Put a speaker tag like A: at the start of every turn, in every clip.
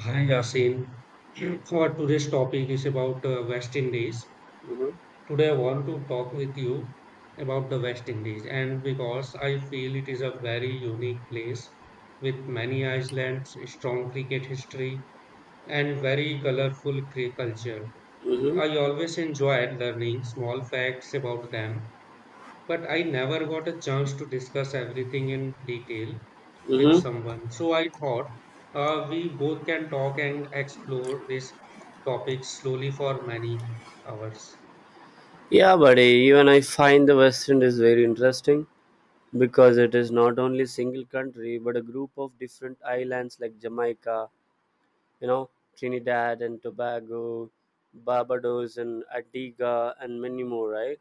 A: Hi Yasin. Our today's topic is about West Indies.
B: Mhm,
A: Today I want to talk with you about the West Indies, and because I feel it is a very unique place with many islands, strong cricket history, and very colorful culture.
B: mhm,
A: I always enjoyed learning small facts about them but I never got a chance to discuss everything in detail with
B: mhm.
A: someone. So I thought we both can talk and explore this topic slowly for many hours.
B: Yeah, buddy, even I find the West End is very interesting because it is not only single country but a group of different islands like Jamaica, you know, Trinidad and Tobago, Barbados and Antigua and many more, right?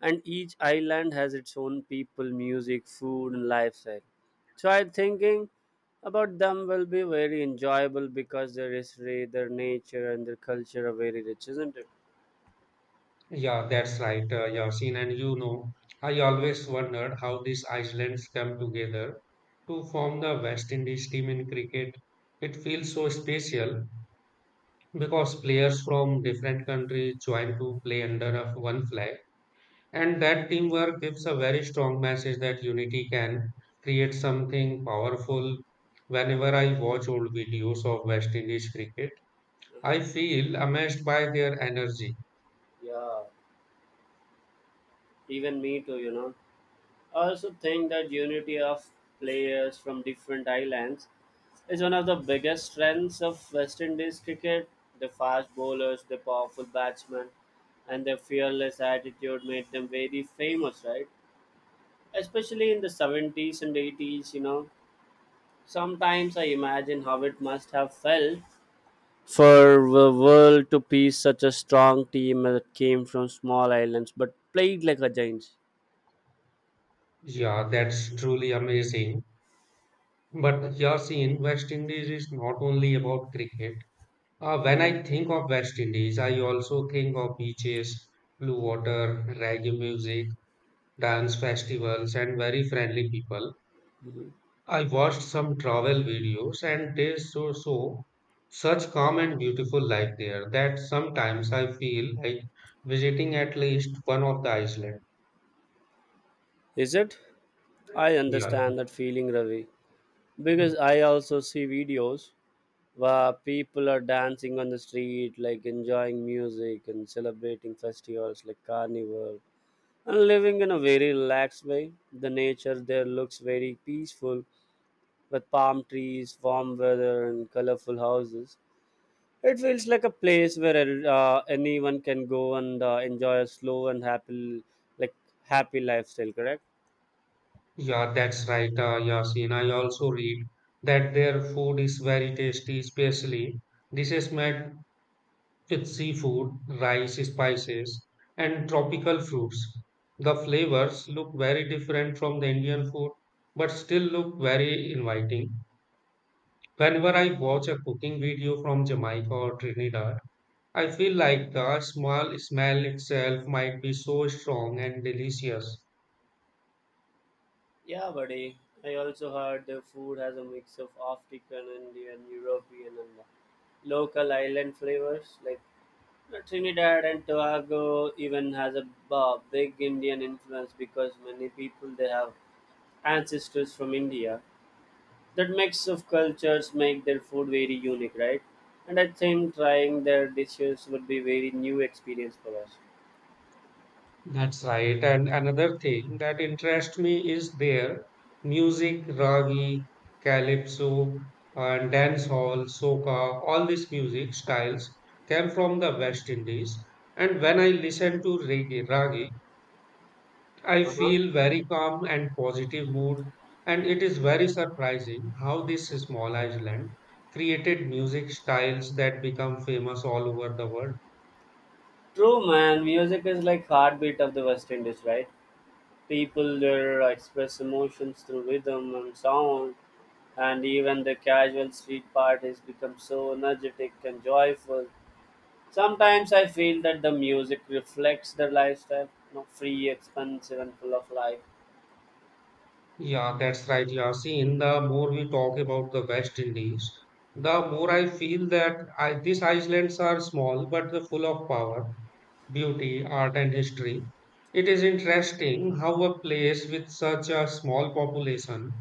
B: And each island has its own people, music, food and lifestyle. So I'm thinking about them will be very enjoyable because their history, their nature and their culture are very rich, isn't it?
A: Yeah, that's right, Yasin. And you know, I always wondered how these islands come together to form the West Indies team in cricket. It feels so special because players from different countries join to play under a one flag. And that teamwork gives a very strong message that unity can create something powerful. Whenever I watch old videos of West Indies cricket, I
B: Mhm.
A: feel amazed by their energy.
B: Yeah, even me too, you know. I also think that unity of players from different islands is one of the biggest strengths of West Indies cricket. The fast bowlers, the powerful batsmen, and their fearless attitude made them very famous, right? Especially in the 70s and 80s, you know. Sometimes I imagine how it must have felt for the world to piece such a strong team that came from small islands but played like a giant.
A: Yeah, that's truly amazing. But Yasin, West Indies is not only about cricket. When I think of West Indies, I also think of beaches, blue water, reggae music, dance festivals, and very friendly people. I watched some travel videos and they so such calm and beautiful life there that sometimes I feel like visiting at least one of the island.
B: Is it? I
A: Yeah,
B: understand that feeling, Ravi, because I also see videos where people are dancing on the street, like enjoying music and celebrating festivals like Carnival, and living in a very relaxed way. The nature there looks very peaceful with palm trees, warm weather, and colorful houses. It feels like a place where anyone can go and enjoy a slow and happy, like happy lifestyle. Correct?
A: yeah, that's right. Yasin, I also read that their food is very tasty, especially dishes made with seafood, rice, spices, and tropical fruits. The flavors look very different from the Indian food, but still look very inviting. Whenever I watch a cooking video from Jamaica or Trinidad, I feel like the small smell itself might be so strong and delicious.
B: Yeah, buddy. I also heard the food has a mix of African, Indian, European, and local island flavors. Like Trinidad and Tobago even has a big Indian influence because many people they have ancestors from India. That mix of cultures make their food very unique, right? And I think trying their dishes would be very new experience for us.
A: That's right. And another thing that interests me is their music, ragi, calypso, and dancehall, soca. All these music styles came from the West Indies. And when I listen to reggae, ragi, I
B: Uh-huh.
A: feel very calm and positive mood, and it is very surprising how this small island created music styles that become famous all over the world.
B: True, man. Music is like heartbeat of the West Indies, right? People there express emotions through rhythm and sound, and even the casual street parties become so energetic and joyful. Sometimes I feel that the music reflects their lifestyle, you know, free, expensive, and full of life.
A: Yeah, that's right, Yasin. The more we talk about the West Indies, the more I feel that these islands are small but they're full of power, beauty, art, and history. It is interesting how a place with such a small population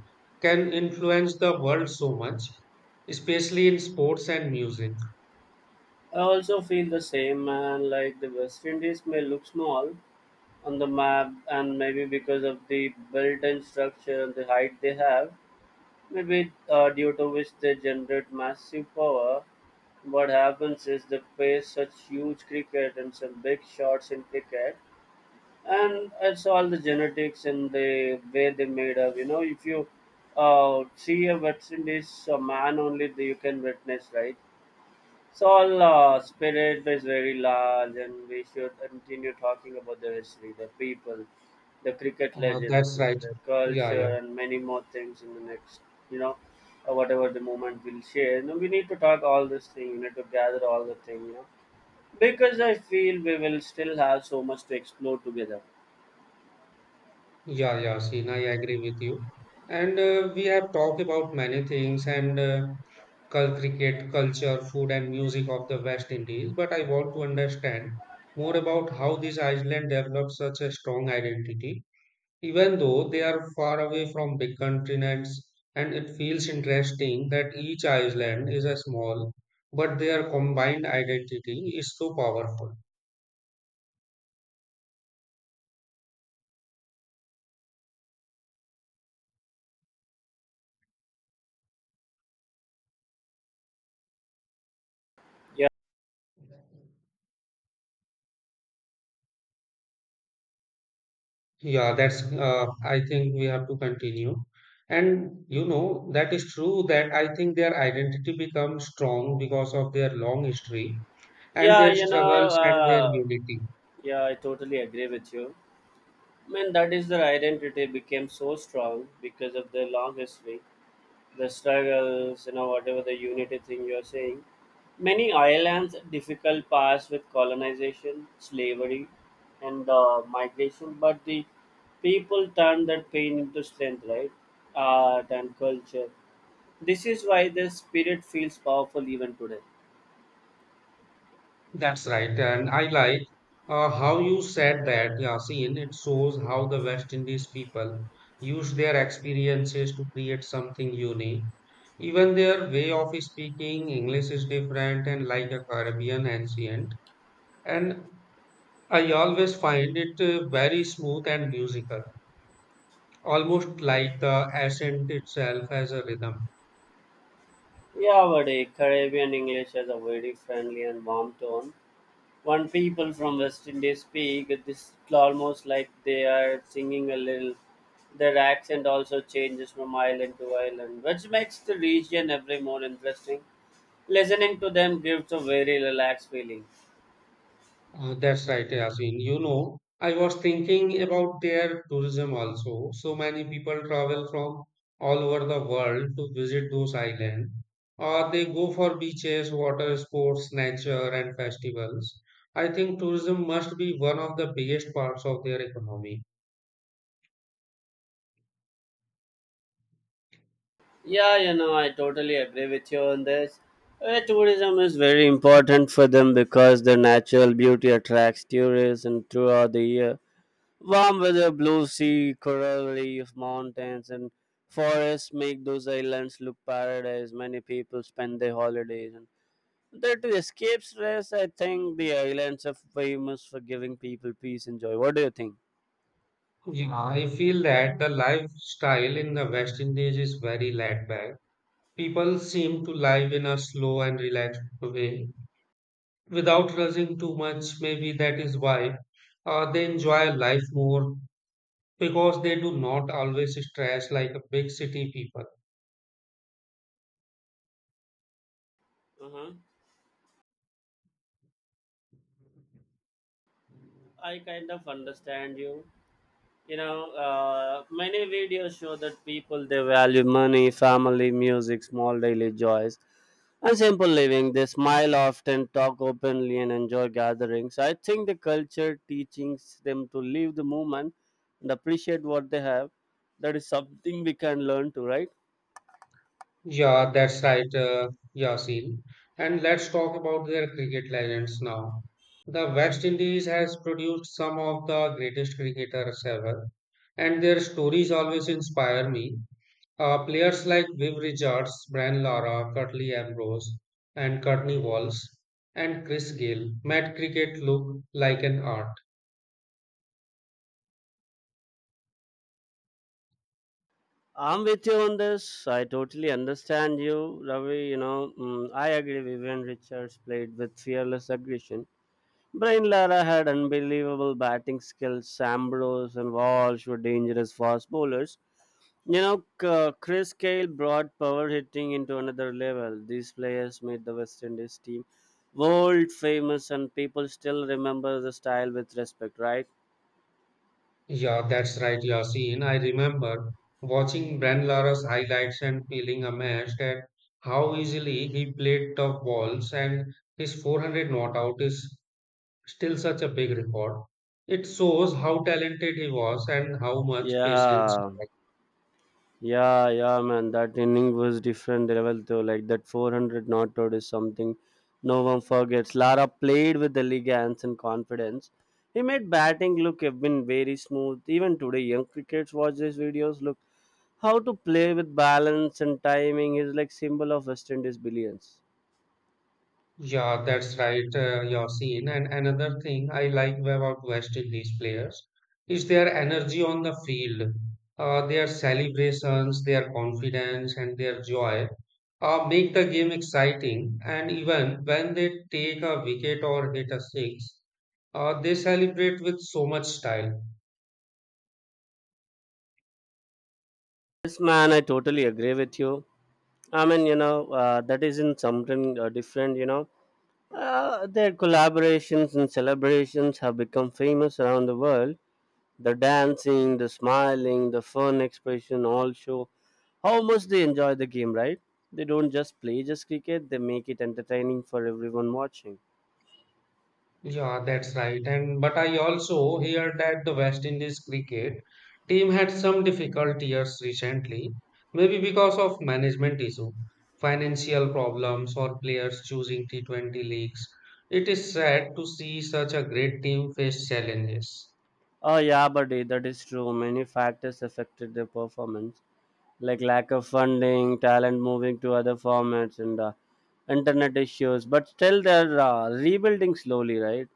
A: can influence the world so much, especially in sports and music.
B: I also feel the same, and like the West Indies may look small on the map, and maybe because of the built in structure and the height they have, maybe due to which they generate massive power. What happens is they play such huge cricket and some big shots in cricket, and it's all the genetics and the way they made up. You know, if you see a West Indies man only, that you can witness, right? So Allah spirit is very large and we should continue talking about the history, the people, the cricket legends,
A: That's
B: and
A: right.
B: the
A: Yeah, yeah.
B: culture and many more things in the next, you know, whatever the moment will share. You know, we need to talk all this thing, we need to gather all the thing, you know, because I feel we will still have so much to explore together.
A: Yeah, yeah, Sina, I agree with you. And we have talked about many things and cricket, culture, food, and music of the West Indies, but I want to understand more about how this island developed such a strong identity even though they are far away from big continents, and it feels interesting that each island is a small, but their combined identity is so powerful.
B: Yeah.
A: Yeah, that's, I think we have to continue. And you know, that is true that I think their identity becomes strong because of their long history and
B: Yeah,
A: their
B: you know,
A: struggles and their unity.
B: yeah, I totally agree with you. That is their identity became so strong because of their long history. The struggles, you know, whatever the unity thing you're saying. Many islands difficult paths with colonization, slavery, and migration, but the people turn that pain into strength, right? Art and culture. This is why the spirit feels powerful even today.
A: That's right. And I like how you said that, Yasin. It shows how the West Indies people use their experiences to create something unique. Even their way of speaking English is different and like a Caribbean ancient. And I always find it very smooth and musical, almost like the accent itself has a rhythm.
B: Yeah, but a Caribbean English has a very friendly and warm tone. When people from West Indies speak, it's almost like they are singing a little. Their accent also changes from island to island, which makes the region every more interesting. Listening to them gives a very relaxed feeling.
A: That's right, Yasin. You know, I was thinking about their tourism also. So many people travel from all over the world to visit those islands. Or they go for beaches, water sports, nature, and festivals. I think tourism must be one of the biggest parts of their economy.
B: Yeah, you know, I totally agree with you on this. Tourism is very important for them because their natural beauty attracts tourists and throughout the year. Warm weather, blue sea, coral reef, mountains, and forests make those islands look paradise. Many people spend their holidays and there to escape stress. I think the islands are famous for giving people peace and joy. What do you think?
A: Yeah, I feel that the lifestyle in the West Indies is very laid back. People seem to live in a slow and relaxed way without rushing too much. Maybe that is why they enjoy life more because they do not always stress like a big city people.
B: Uh-huh. I kind of understand you. You know many videos show that people they value money family music small daily joys and simple living they smile often talk openly and enjoy gatherings I think the culture teaches them to live the moment and appreciate what they have that is something we can learn to right
A: Yeah, that's right, Yasin. And let's talk about their cricket legends now. The West Indies has produced some of the greatest cricketers ever, and their stories always inspire me. Players like Viv Richards, Bran Lara, Curtly Ambrose, and Courtney Walsh, and Chris Gayle made cricket look like an art.
B: I'm with you on this I totally understand you Ravi you know I agree Vivian Richards played with fearless aggression Brian Lara had unbelievable batting skills. Ambrose and Walsh were dangerous fast bowlers. You know, Chris Gayle brought power hitting into another level. These players made the West Indies team world famous, and people still remember the style with respect, right?
A: Yeah, that's right, Yasin. I remember watching Bran Lara's highlights and feeling amazed at how easily he played tough balls, and his 400 not out is still such a big record. It shows how talented he was and how much patience he.
B: Yeah. Yeah, yeah, man. That inning was different level though. Like that 400 not out is something no one forgets. Lara played with elegance and confidence. He made batting look have been very smooth. Even today, young crickets watch these videos. Look how to play with balance and timing is like symbol of West Indies brilliance.
A: Yeah, that's right, Yasin. And another thing I like about West Indies players is their energy on the field, their celebrations, their confidence, and their joy make the game exciting. And even when they take a wicket or hit a six, they celebrate with so much style.
B: Yes, man, I totally agree with you. I mean, that is in something different. You know, their collaborations and celebrations have become famous around the world. The dancing, the smiling, the fun expression all show how much they enjoy the game, right? They don't just play just cricket, they make it entertaining for everyone watching.
A: Yeah, that's right. And but I also heard that the West Indies cricket team had some difficult years recently, maybe because of management issue, financial problems, or players choosing T20 leagues. It is sad to see such a great team face challenges.
B: Oh yeah, but that is true. Many factors affected their performance, like lack of funding, talent moving to other formats, and internet issues. But still, they're rebuilding slowly, right?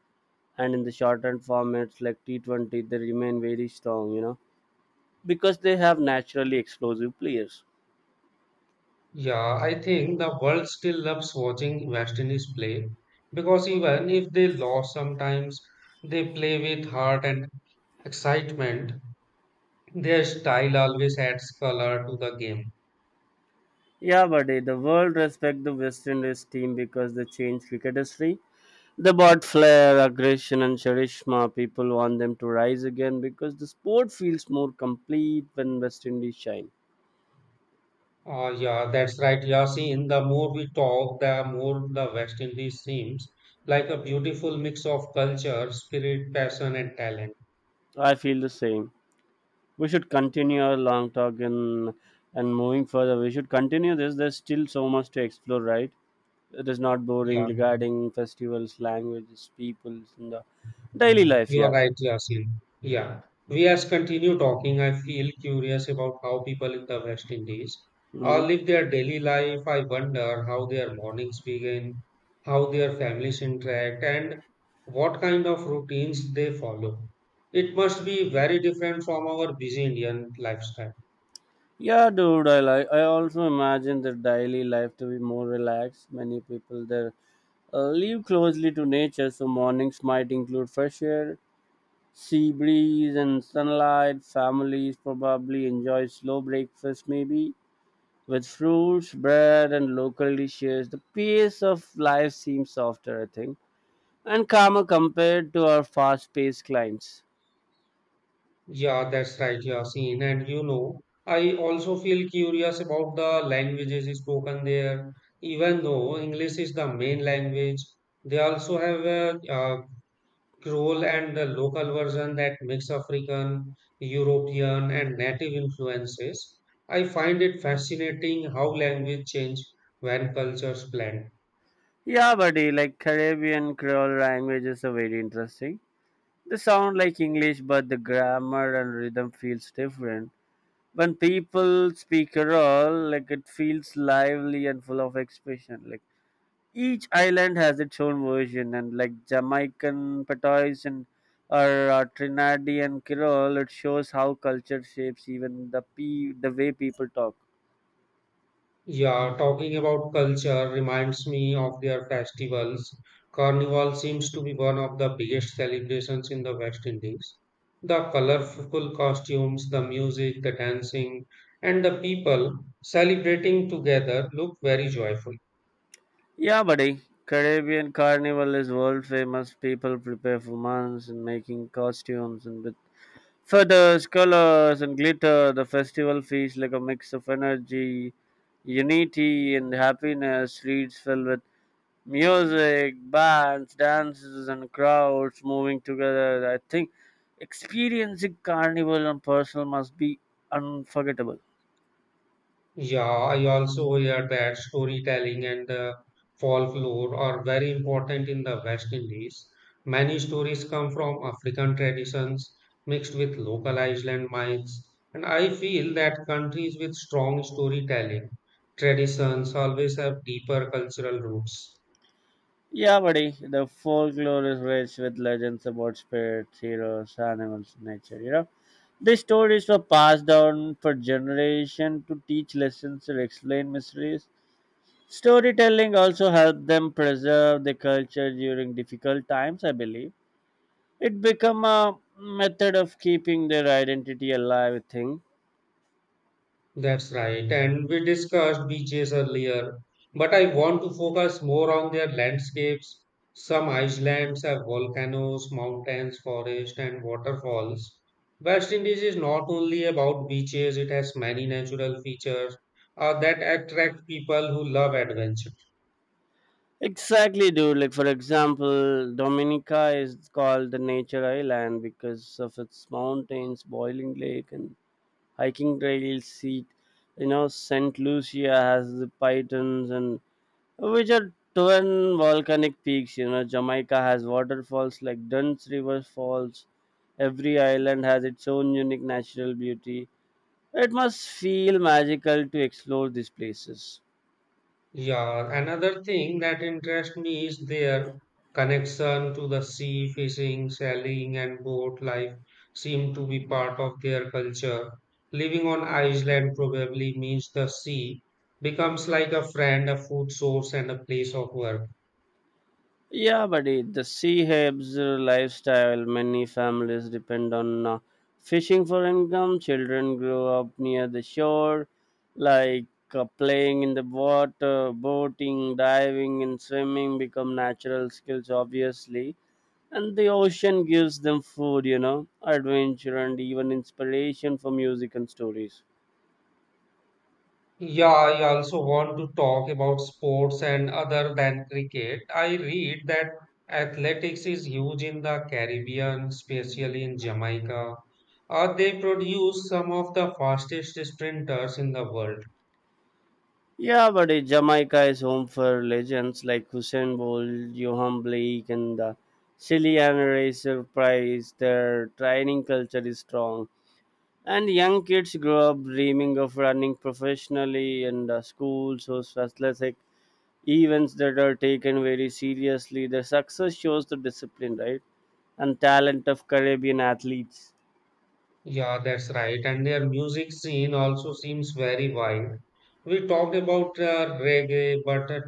B: And in the shortened formats like T 20, they remain very strong, you know, because they have naturally explosive players.
A: Yeah, I think the world still loves watching West Indies play because even if they lose sometimes, they play with heart and excitement. Their style always adds color to the game.
B: Yeah, buddy. The world respect the West Indies team because they changed cricket history. They brought flair, aggression, and charisma. People want them to rise again because the sport feels more complete when West Indies shine.
A: Yeah, that's right. Yeah, see, in the more we talk, the more the West Indies seems like a beautiful mix of culture, spirit, passion, and talent.
B: I feel the same. We should continue our long talk and moving further. We should continue this. There's still so much to explore, right? It is not boring
A: Yeah.
B: regarding festivals, languages, peoples, and the daily life.
A: You are
B: Yeah.
A: right, Yasin. Yeah. Yeah. We as continue talking, I feel curious about how people in the West Indies
B: Mm-hmm.
A: live their daily life. I wonder how their mornings begin, how their families interact, and what kind of routines they follow. It must be very different from our busy Indian lifestyle.
B: Yeah, dude, I like. I also imagine their daily life to be more relaxed. Many people there live closely to nature, so mornings might include fresh air, sea breeze, and sunlight. Families probably enjoy slow breakfast, maybe with fruits, bread, and local dishes. The pace of life seems softer, I think, and calmer compared to our fast-paced climes.
A: Yeah, that's right, Yasin. And you know, I also feel curious about the languages spoken there. Even though English is the main language, they also have a, Creole and the local version that mix African, European, and native influences. I find it fascinating how language change when cultures blend.
B: Yeah, buddy, like Caribbean Creole language is a very interesting. They sound like English, but the grammar and rhythm feels different. When people speak Kerala, like it feels lively and full of expression. Like each island has its own version, and like Jamaican Patois and or Trinadian Kerala, it shows how culture shapes even the way people talk.
A: Yeah, talking about culture reminds me of their festivals. Carnival seems to be one of the biggest celebrations in the West Indies. The colorful costumes, the music, the dancing, and the people celebrating together look very joyful.
B: Yeah, buddy. Caribbean Carnival is world famous. People prepare for months and making costumes and with feathers, colors and glitter, the festival feels like a mix of energy, unity, and happiness. Streets filled with music, bands, dances, and crowds moving together. I think experiencing carnival in person must be unforgettable.
A: Yeah, I also hear that storytelling and the folklore are very important in the West Indies. Many stories come from African traditions mixed with local Iceland myths, and I feel that countries with strong storytelling traditions always have deeper cultural roots.
B: Yeah, buddy. The folklore is rich with legends about spirits, heroes, animals, nature. You know, these stories were passed down for generation to teach lessons or explain mysteries. Storytelling also helped them preserve the culture during difficult times, I believe. It became a method of keeping their identity alive, I think.
A: That's right. And we discussed beaches earlier, but I want to focus more on their landscapes. Some islands have volcanoes, mountains, forests, and waterfalls. West Indies is not only about beaches, it has many natural features that attract people who love adventure.
B: Exactly, dude. Like, for example, Dominica is called the nature island because of its mountains, boiling lake, and hiking trails. Seat, you know, Saint Lucia has the pythons and which are twin volcanic peaks. You know, Jamaica has waterfalls like Dunn's River Falls. Every island has its own unique natural beauty. It must feel magical to explore these places.
A: Yeah, another thing that interests me is their connection to the sea, fishing, sailing, and boat life seem to be part of their culture. Living on Iceland probably means the sea becomes like a friend, a food source, and a place of work.
B: Yeah, buddy. The sea helps lifestyle. Many families depend on fishing for income. Children grow up near the shore, like playing in the water, boating, diving, and swimming become natural skills, obviously. And the ocean gives them food, you know, adventure, and even inspiration for music and stories.
A: Yeah, I also want to talk about sports and other than cricket. I read that athletics is huge in the Caribbean, especially in Jamaica. They produce some of the fastest sprinters in the world.
B: Yeah, but it, Jamaica is home for legends like Hussein Bolt, Johan Blake, and the Chilean Racer Prize. Their training culture is strong, and young kids grow up dreaming of running professionally. And the schools host athletic events that are taken very seriously. Their success shows the discipline, right, and talent of Caribbean athletes.
A: Yeah, that's right. And their music scene also seems very wide. We talked about reggae, but uh,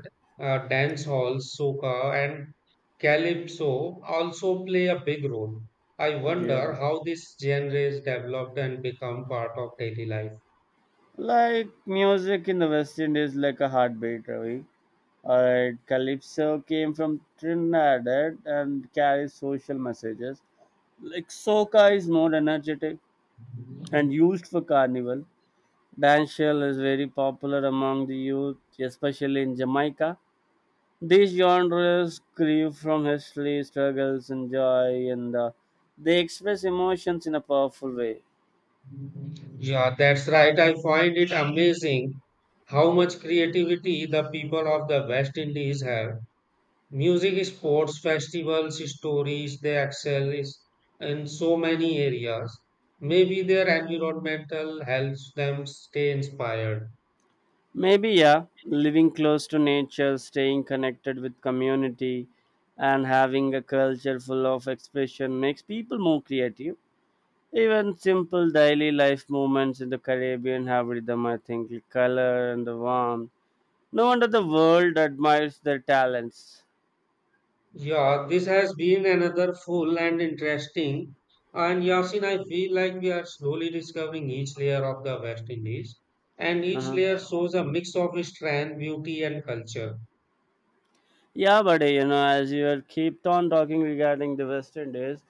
A: uh, dance halls, soca, and calypso also play a big role. I wonder
B: Yeah,
A: how this genre is developed and become part of daily life.
B: like music in the West Indies, like a heartbeat, Ravi. All right, Calypso came from Trinidad and carries social messages. Like soca is more energetic and used for carnival. Dancehall is very popular among the youth, especially in Jamaica. These genres grieve from history, struggles, and joy, and they express emotions in a powerful way.
A: Yeah, that's right. I find it amazing how much creativity the people of the West Indies have. Music, sports, festivals, stories, in so many areas. Maybe their environmental helps them stay inspired.
B: Maybe, yeah, living close to nature, staying connected with community, and having a culture full of expression makes people more creative. Even simple daily life movements in the Caribbean have rhythm, I think, the color and the warmth. No wonder the world admires their talents.
A: Yeah, this has been another full and interesting. And Yasin, I feel like we are slowly discovering each layer of the West Indies, and each
B: Uh-huh.
A: layer shows a mix of strength, beauty, and culture.
B: Yeah, but as you are keep on talking regarding the West Indies,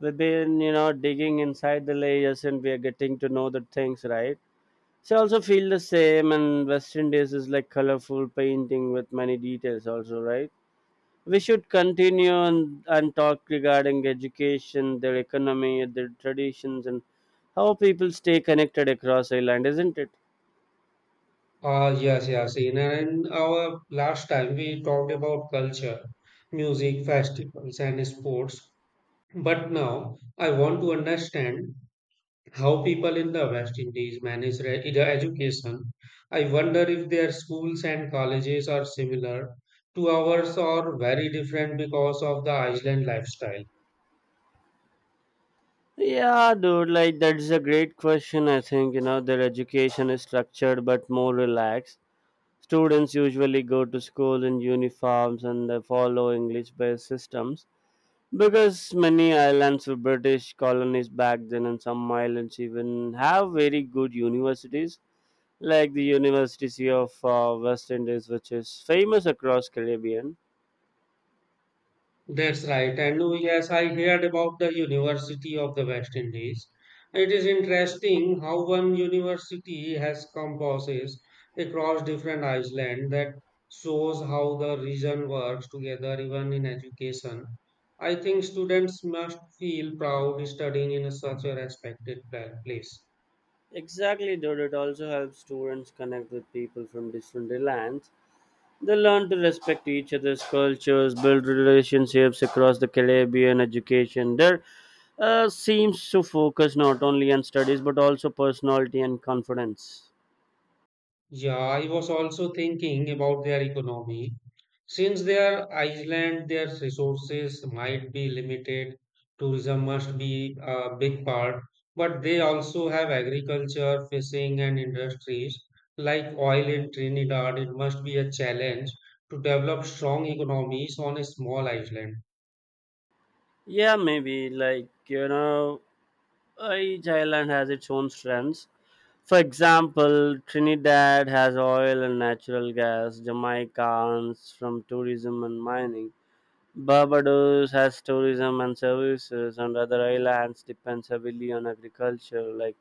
B: we've been, digging inside the layers and we are getting to know the things, right? So I also feel the same, and West Indies is like colorful painting with many details, also, right? We should continue and talk regarding education, their economy, their traditions, and how people stay connected across Ireland, isn't it?
A: Ah, yes, Yasin. And our last time we talked about culture, music, festivals, and sports. But now I want to understand how people in the West Indies manage their education. I wonder if their schools and colleges are similar to ours or very different because of the island lifestyle.
B: Yeah, dude, like that's a great question. I think, their education is structured but more relaxed. Students usually go to school in uniforms and they follow English based systems. Because many islands were British colonies back then, and some islands even have very good universities, like the University of West Indies, which is famous across Caribbean.
A: That's right. And oh, yes, I heard about the University of the West Indies. It is interesting how one university has campuses across different islands that shows how the region works together, even in education. I think students must feel proud studying in such a respected place.
B: Exactly, dude. It also helps students connect with people from different lands. They learn to respect each other's cultures, build relationships across the Caribbean. Education there seems to focus not only on studies but also personality and confidence.
A: Yeah, I was also thinking about their economy. Since they are Iceland, their resources might be limited. Tourism must be a big part, but they also have agriculture, fishing, and industries like oil in Trinidad. It must be a challenge to develop strong economies on a small island.
B: Yeah, maybe. Like, each island has its own strengths. For example, Trinidad has oil and natural gas, Jamaica earns from tourism and mining, Barbados has tourism and services, and other islands depends heavily on agriculture like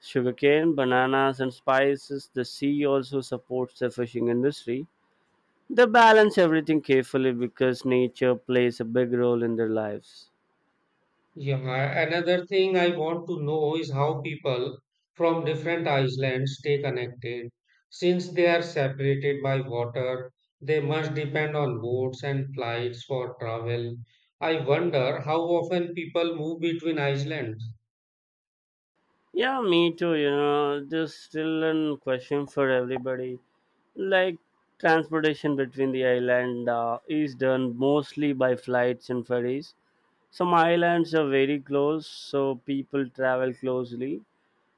B: sugarcane, bananas, and spices. The sea also supports the fishing industry. They balance everything carefully because nature plays a big role in their lives.
A: Yeah, another thing I want to know is how people from different islands stay connected. Since they are separated by water, they must depend on boats and flights for travel. I wonder how often people move between islands.
B: Yeah, me too. You know, there's still a question for everybody. Like, transportation between the island is done mostly by flights and ferries. Some islands are very close, so people travel closely,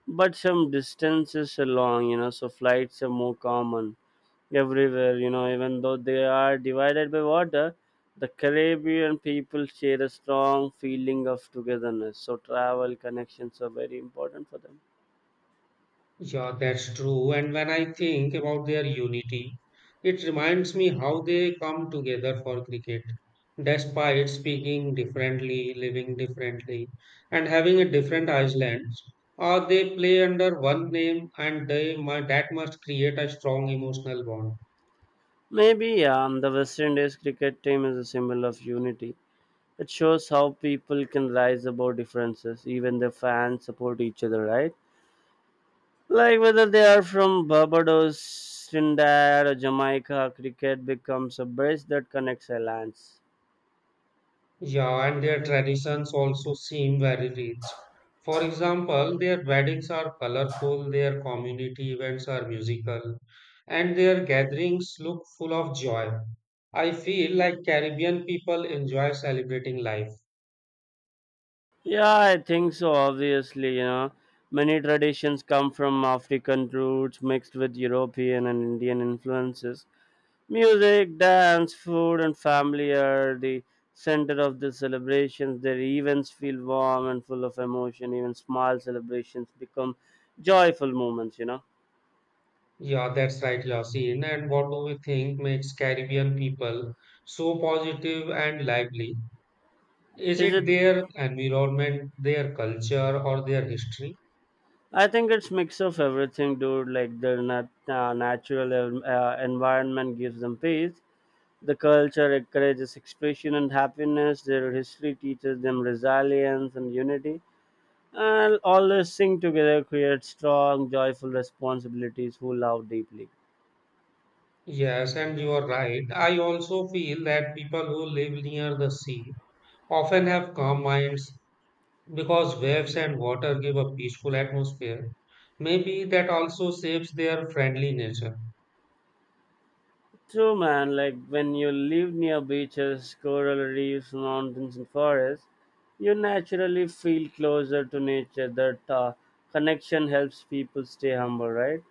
B: but some distances are long, so flights are more common everywhere, even though they are divided by water. The Caribbean people share a strong feeling of togetherness, so travel connections are very important for them.
A: Yeah, that's true. And when I think about their unity, it reminds me how they come together for cricket. Despite speaking differently, living differently, and having a different islands, or they play under one name, and they that must create a strong emotional bond.
B: Maybe, yeah, the West Indies cricket team is a symbol of unity. It shows how people can rise above differences, even the fans support each other, right? Like whether they are from Barbados, Trinidad, or Jamaica, cricket becomes a bridge that connects islands.
A: Yeah, and their traditions also seem very rich. For example, their weddings are colorful, their community events are musical, and their gatherings look full of joy. I feel like Caribbean people enjoy celebrating life.
B: Yeah, I think so, obviously, you know. Many traditions come from African roots mixed with European and Indian influences. Music, dance, food, and family are the center of the celebrations. Their events feel warm and full of emotion. Even small celebrations become joyful moments.
A: Yeah, that's right, Yasin. And what do we think makes Caribbean people so positive and lively? Is
B: Is it?
A: it their environment, their culture, or their history?
B: I think it's mix of everything, dude. Like their natural environment gives them peace. The culture encourages expression and happiness. Their history teaches them resilience and unity. And all this sing together creates strong, joyful responsibilities who love deeply.
A: Yes, and you are right. I also feel that people who live near the sea often have calm minds because waves and water give a peaceful atmosphere. Maybe that also saves their friendly nature.
B: True, man. Like when you live near beaches, coral reefs, mountains, and forests, you naturally feel closer to nature. That connection helps people stay humble, right?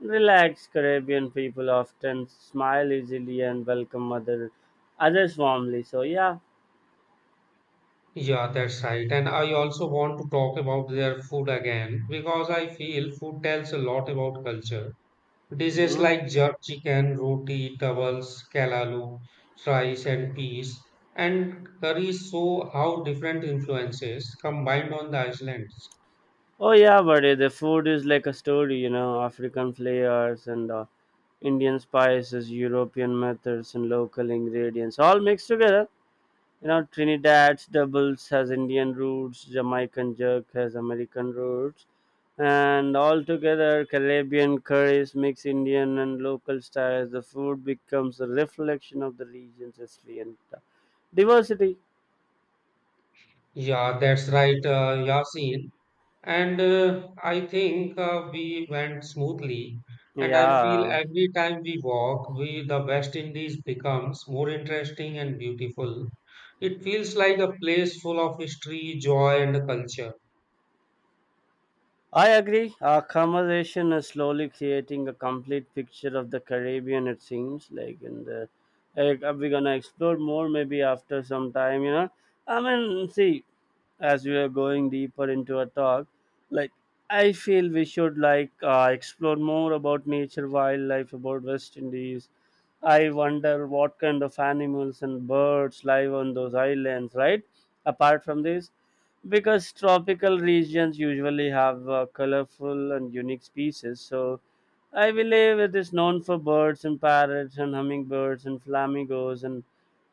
B: Relaxed Caribbean people often smile easily and welcome others warmly. So yeah.
A: Yeah, that's right. And I also want to talk about their food again because I feel food tells a lot about culture. Dishes
B: Hmm.
A: like jerk chicken, roti, towels, kalalu, rice and peas, and curries show how different influences combined on the islands.
B: Oh yeah, buddy. The food is like a story, you know. African flavors and Indian spices, European methods, and local ingredients all mixed together. You know, Trinidad's doubles has Indian roots, Jamaican jerk has American roots, and altogether Caribbean curries mix Indian and local styles. The food becomes a reflection of the region's history and diversity.
A: Yeah, that's right, Yasin. And I think we went smoothly. And I feel
B: Yeah.
A: every time we walk, we the West Indies becomes more interesting and beautiful. It feels like a place full of history, joy, and culture.
B: I agree. Our conversation is slowly creating a complete picture of the Caribbean. It seems like, we're gonna explore more maybe after some time. See, as we are going deeper into a talk, like I feel we should explore more about nature, wildlife, about West Indies. I wonder what kind of animals and birds live on those islands, right? Apart from this, because tropical regions usually have colorful and unique species, so I believe it is known for birds and parrots and hummingbirds and flamingos and,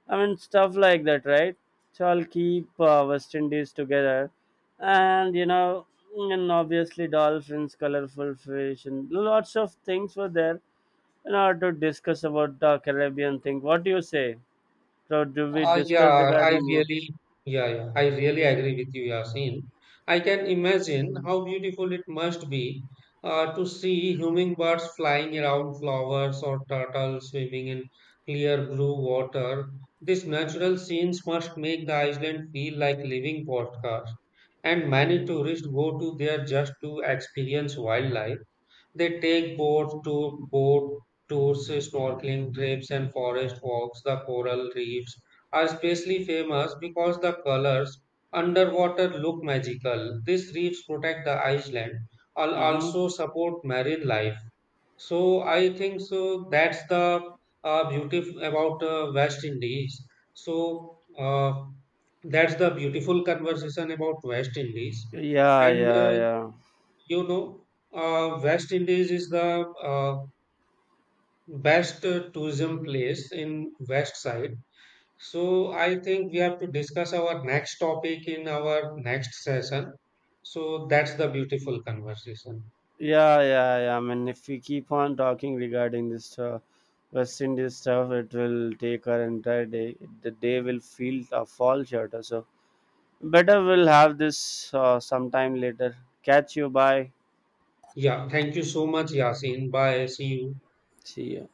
B: I mean, stuff like that, right? So I'll keep West Indies together, and you know and obviously dolphins, colorful fish, and lots of things were there, in order to discuss about the Caribbean thing. What do you say? So do we
A: Uh,
B: discuss
A: yeah, I
B: regarding more?
A: really, yeah, I really agree with you, Yasin. I can imagine how beautiful it must be to see hummingbirds flying around flowers or turtles swimming in clear blue water. These natural scenes must make the island feel like living postcards, and many tourists go to there just to experience wildlife. They take boat tours, snorkeling trips, and forest walks. The coral reefs are especially famous because the colors underwater look magical. These reefs protect the island and
B: Mm-hmm.
A: also support marine life. So I think so that's the beauty about West Indies. So that's the beautiful conversation about West Indies.
B: Yeah,
A: And
B: yeah, yeah.
A: you know, West Indies is the best tourism place in West Side. So I think we have to discuss our next topic in our next session. So that's the beautiful conversation.
B: Yeah, yeah, yeah. I mean, if we keep on talking regarding this West Indies stuff, it will take our entire day. The day will feel a fall shorter. So, better we'll have this sometime later. Catch you. Bye.
A: Yeah, thank you so much, Yasin. Bye. See you.
B: See you.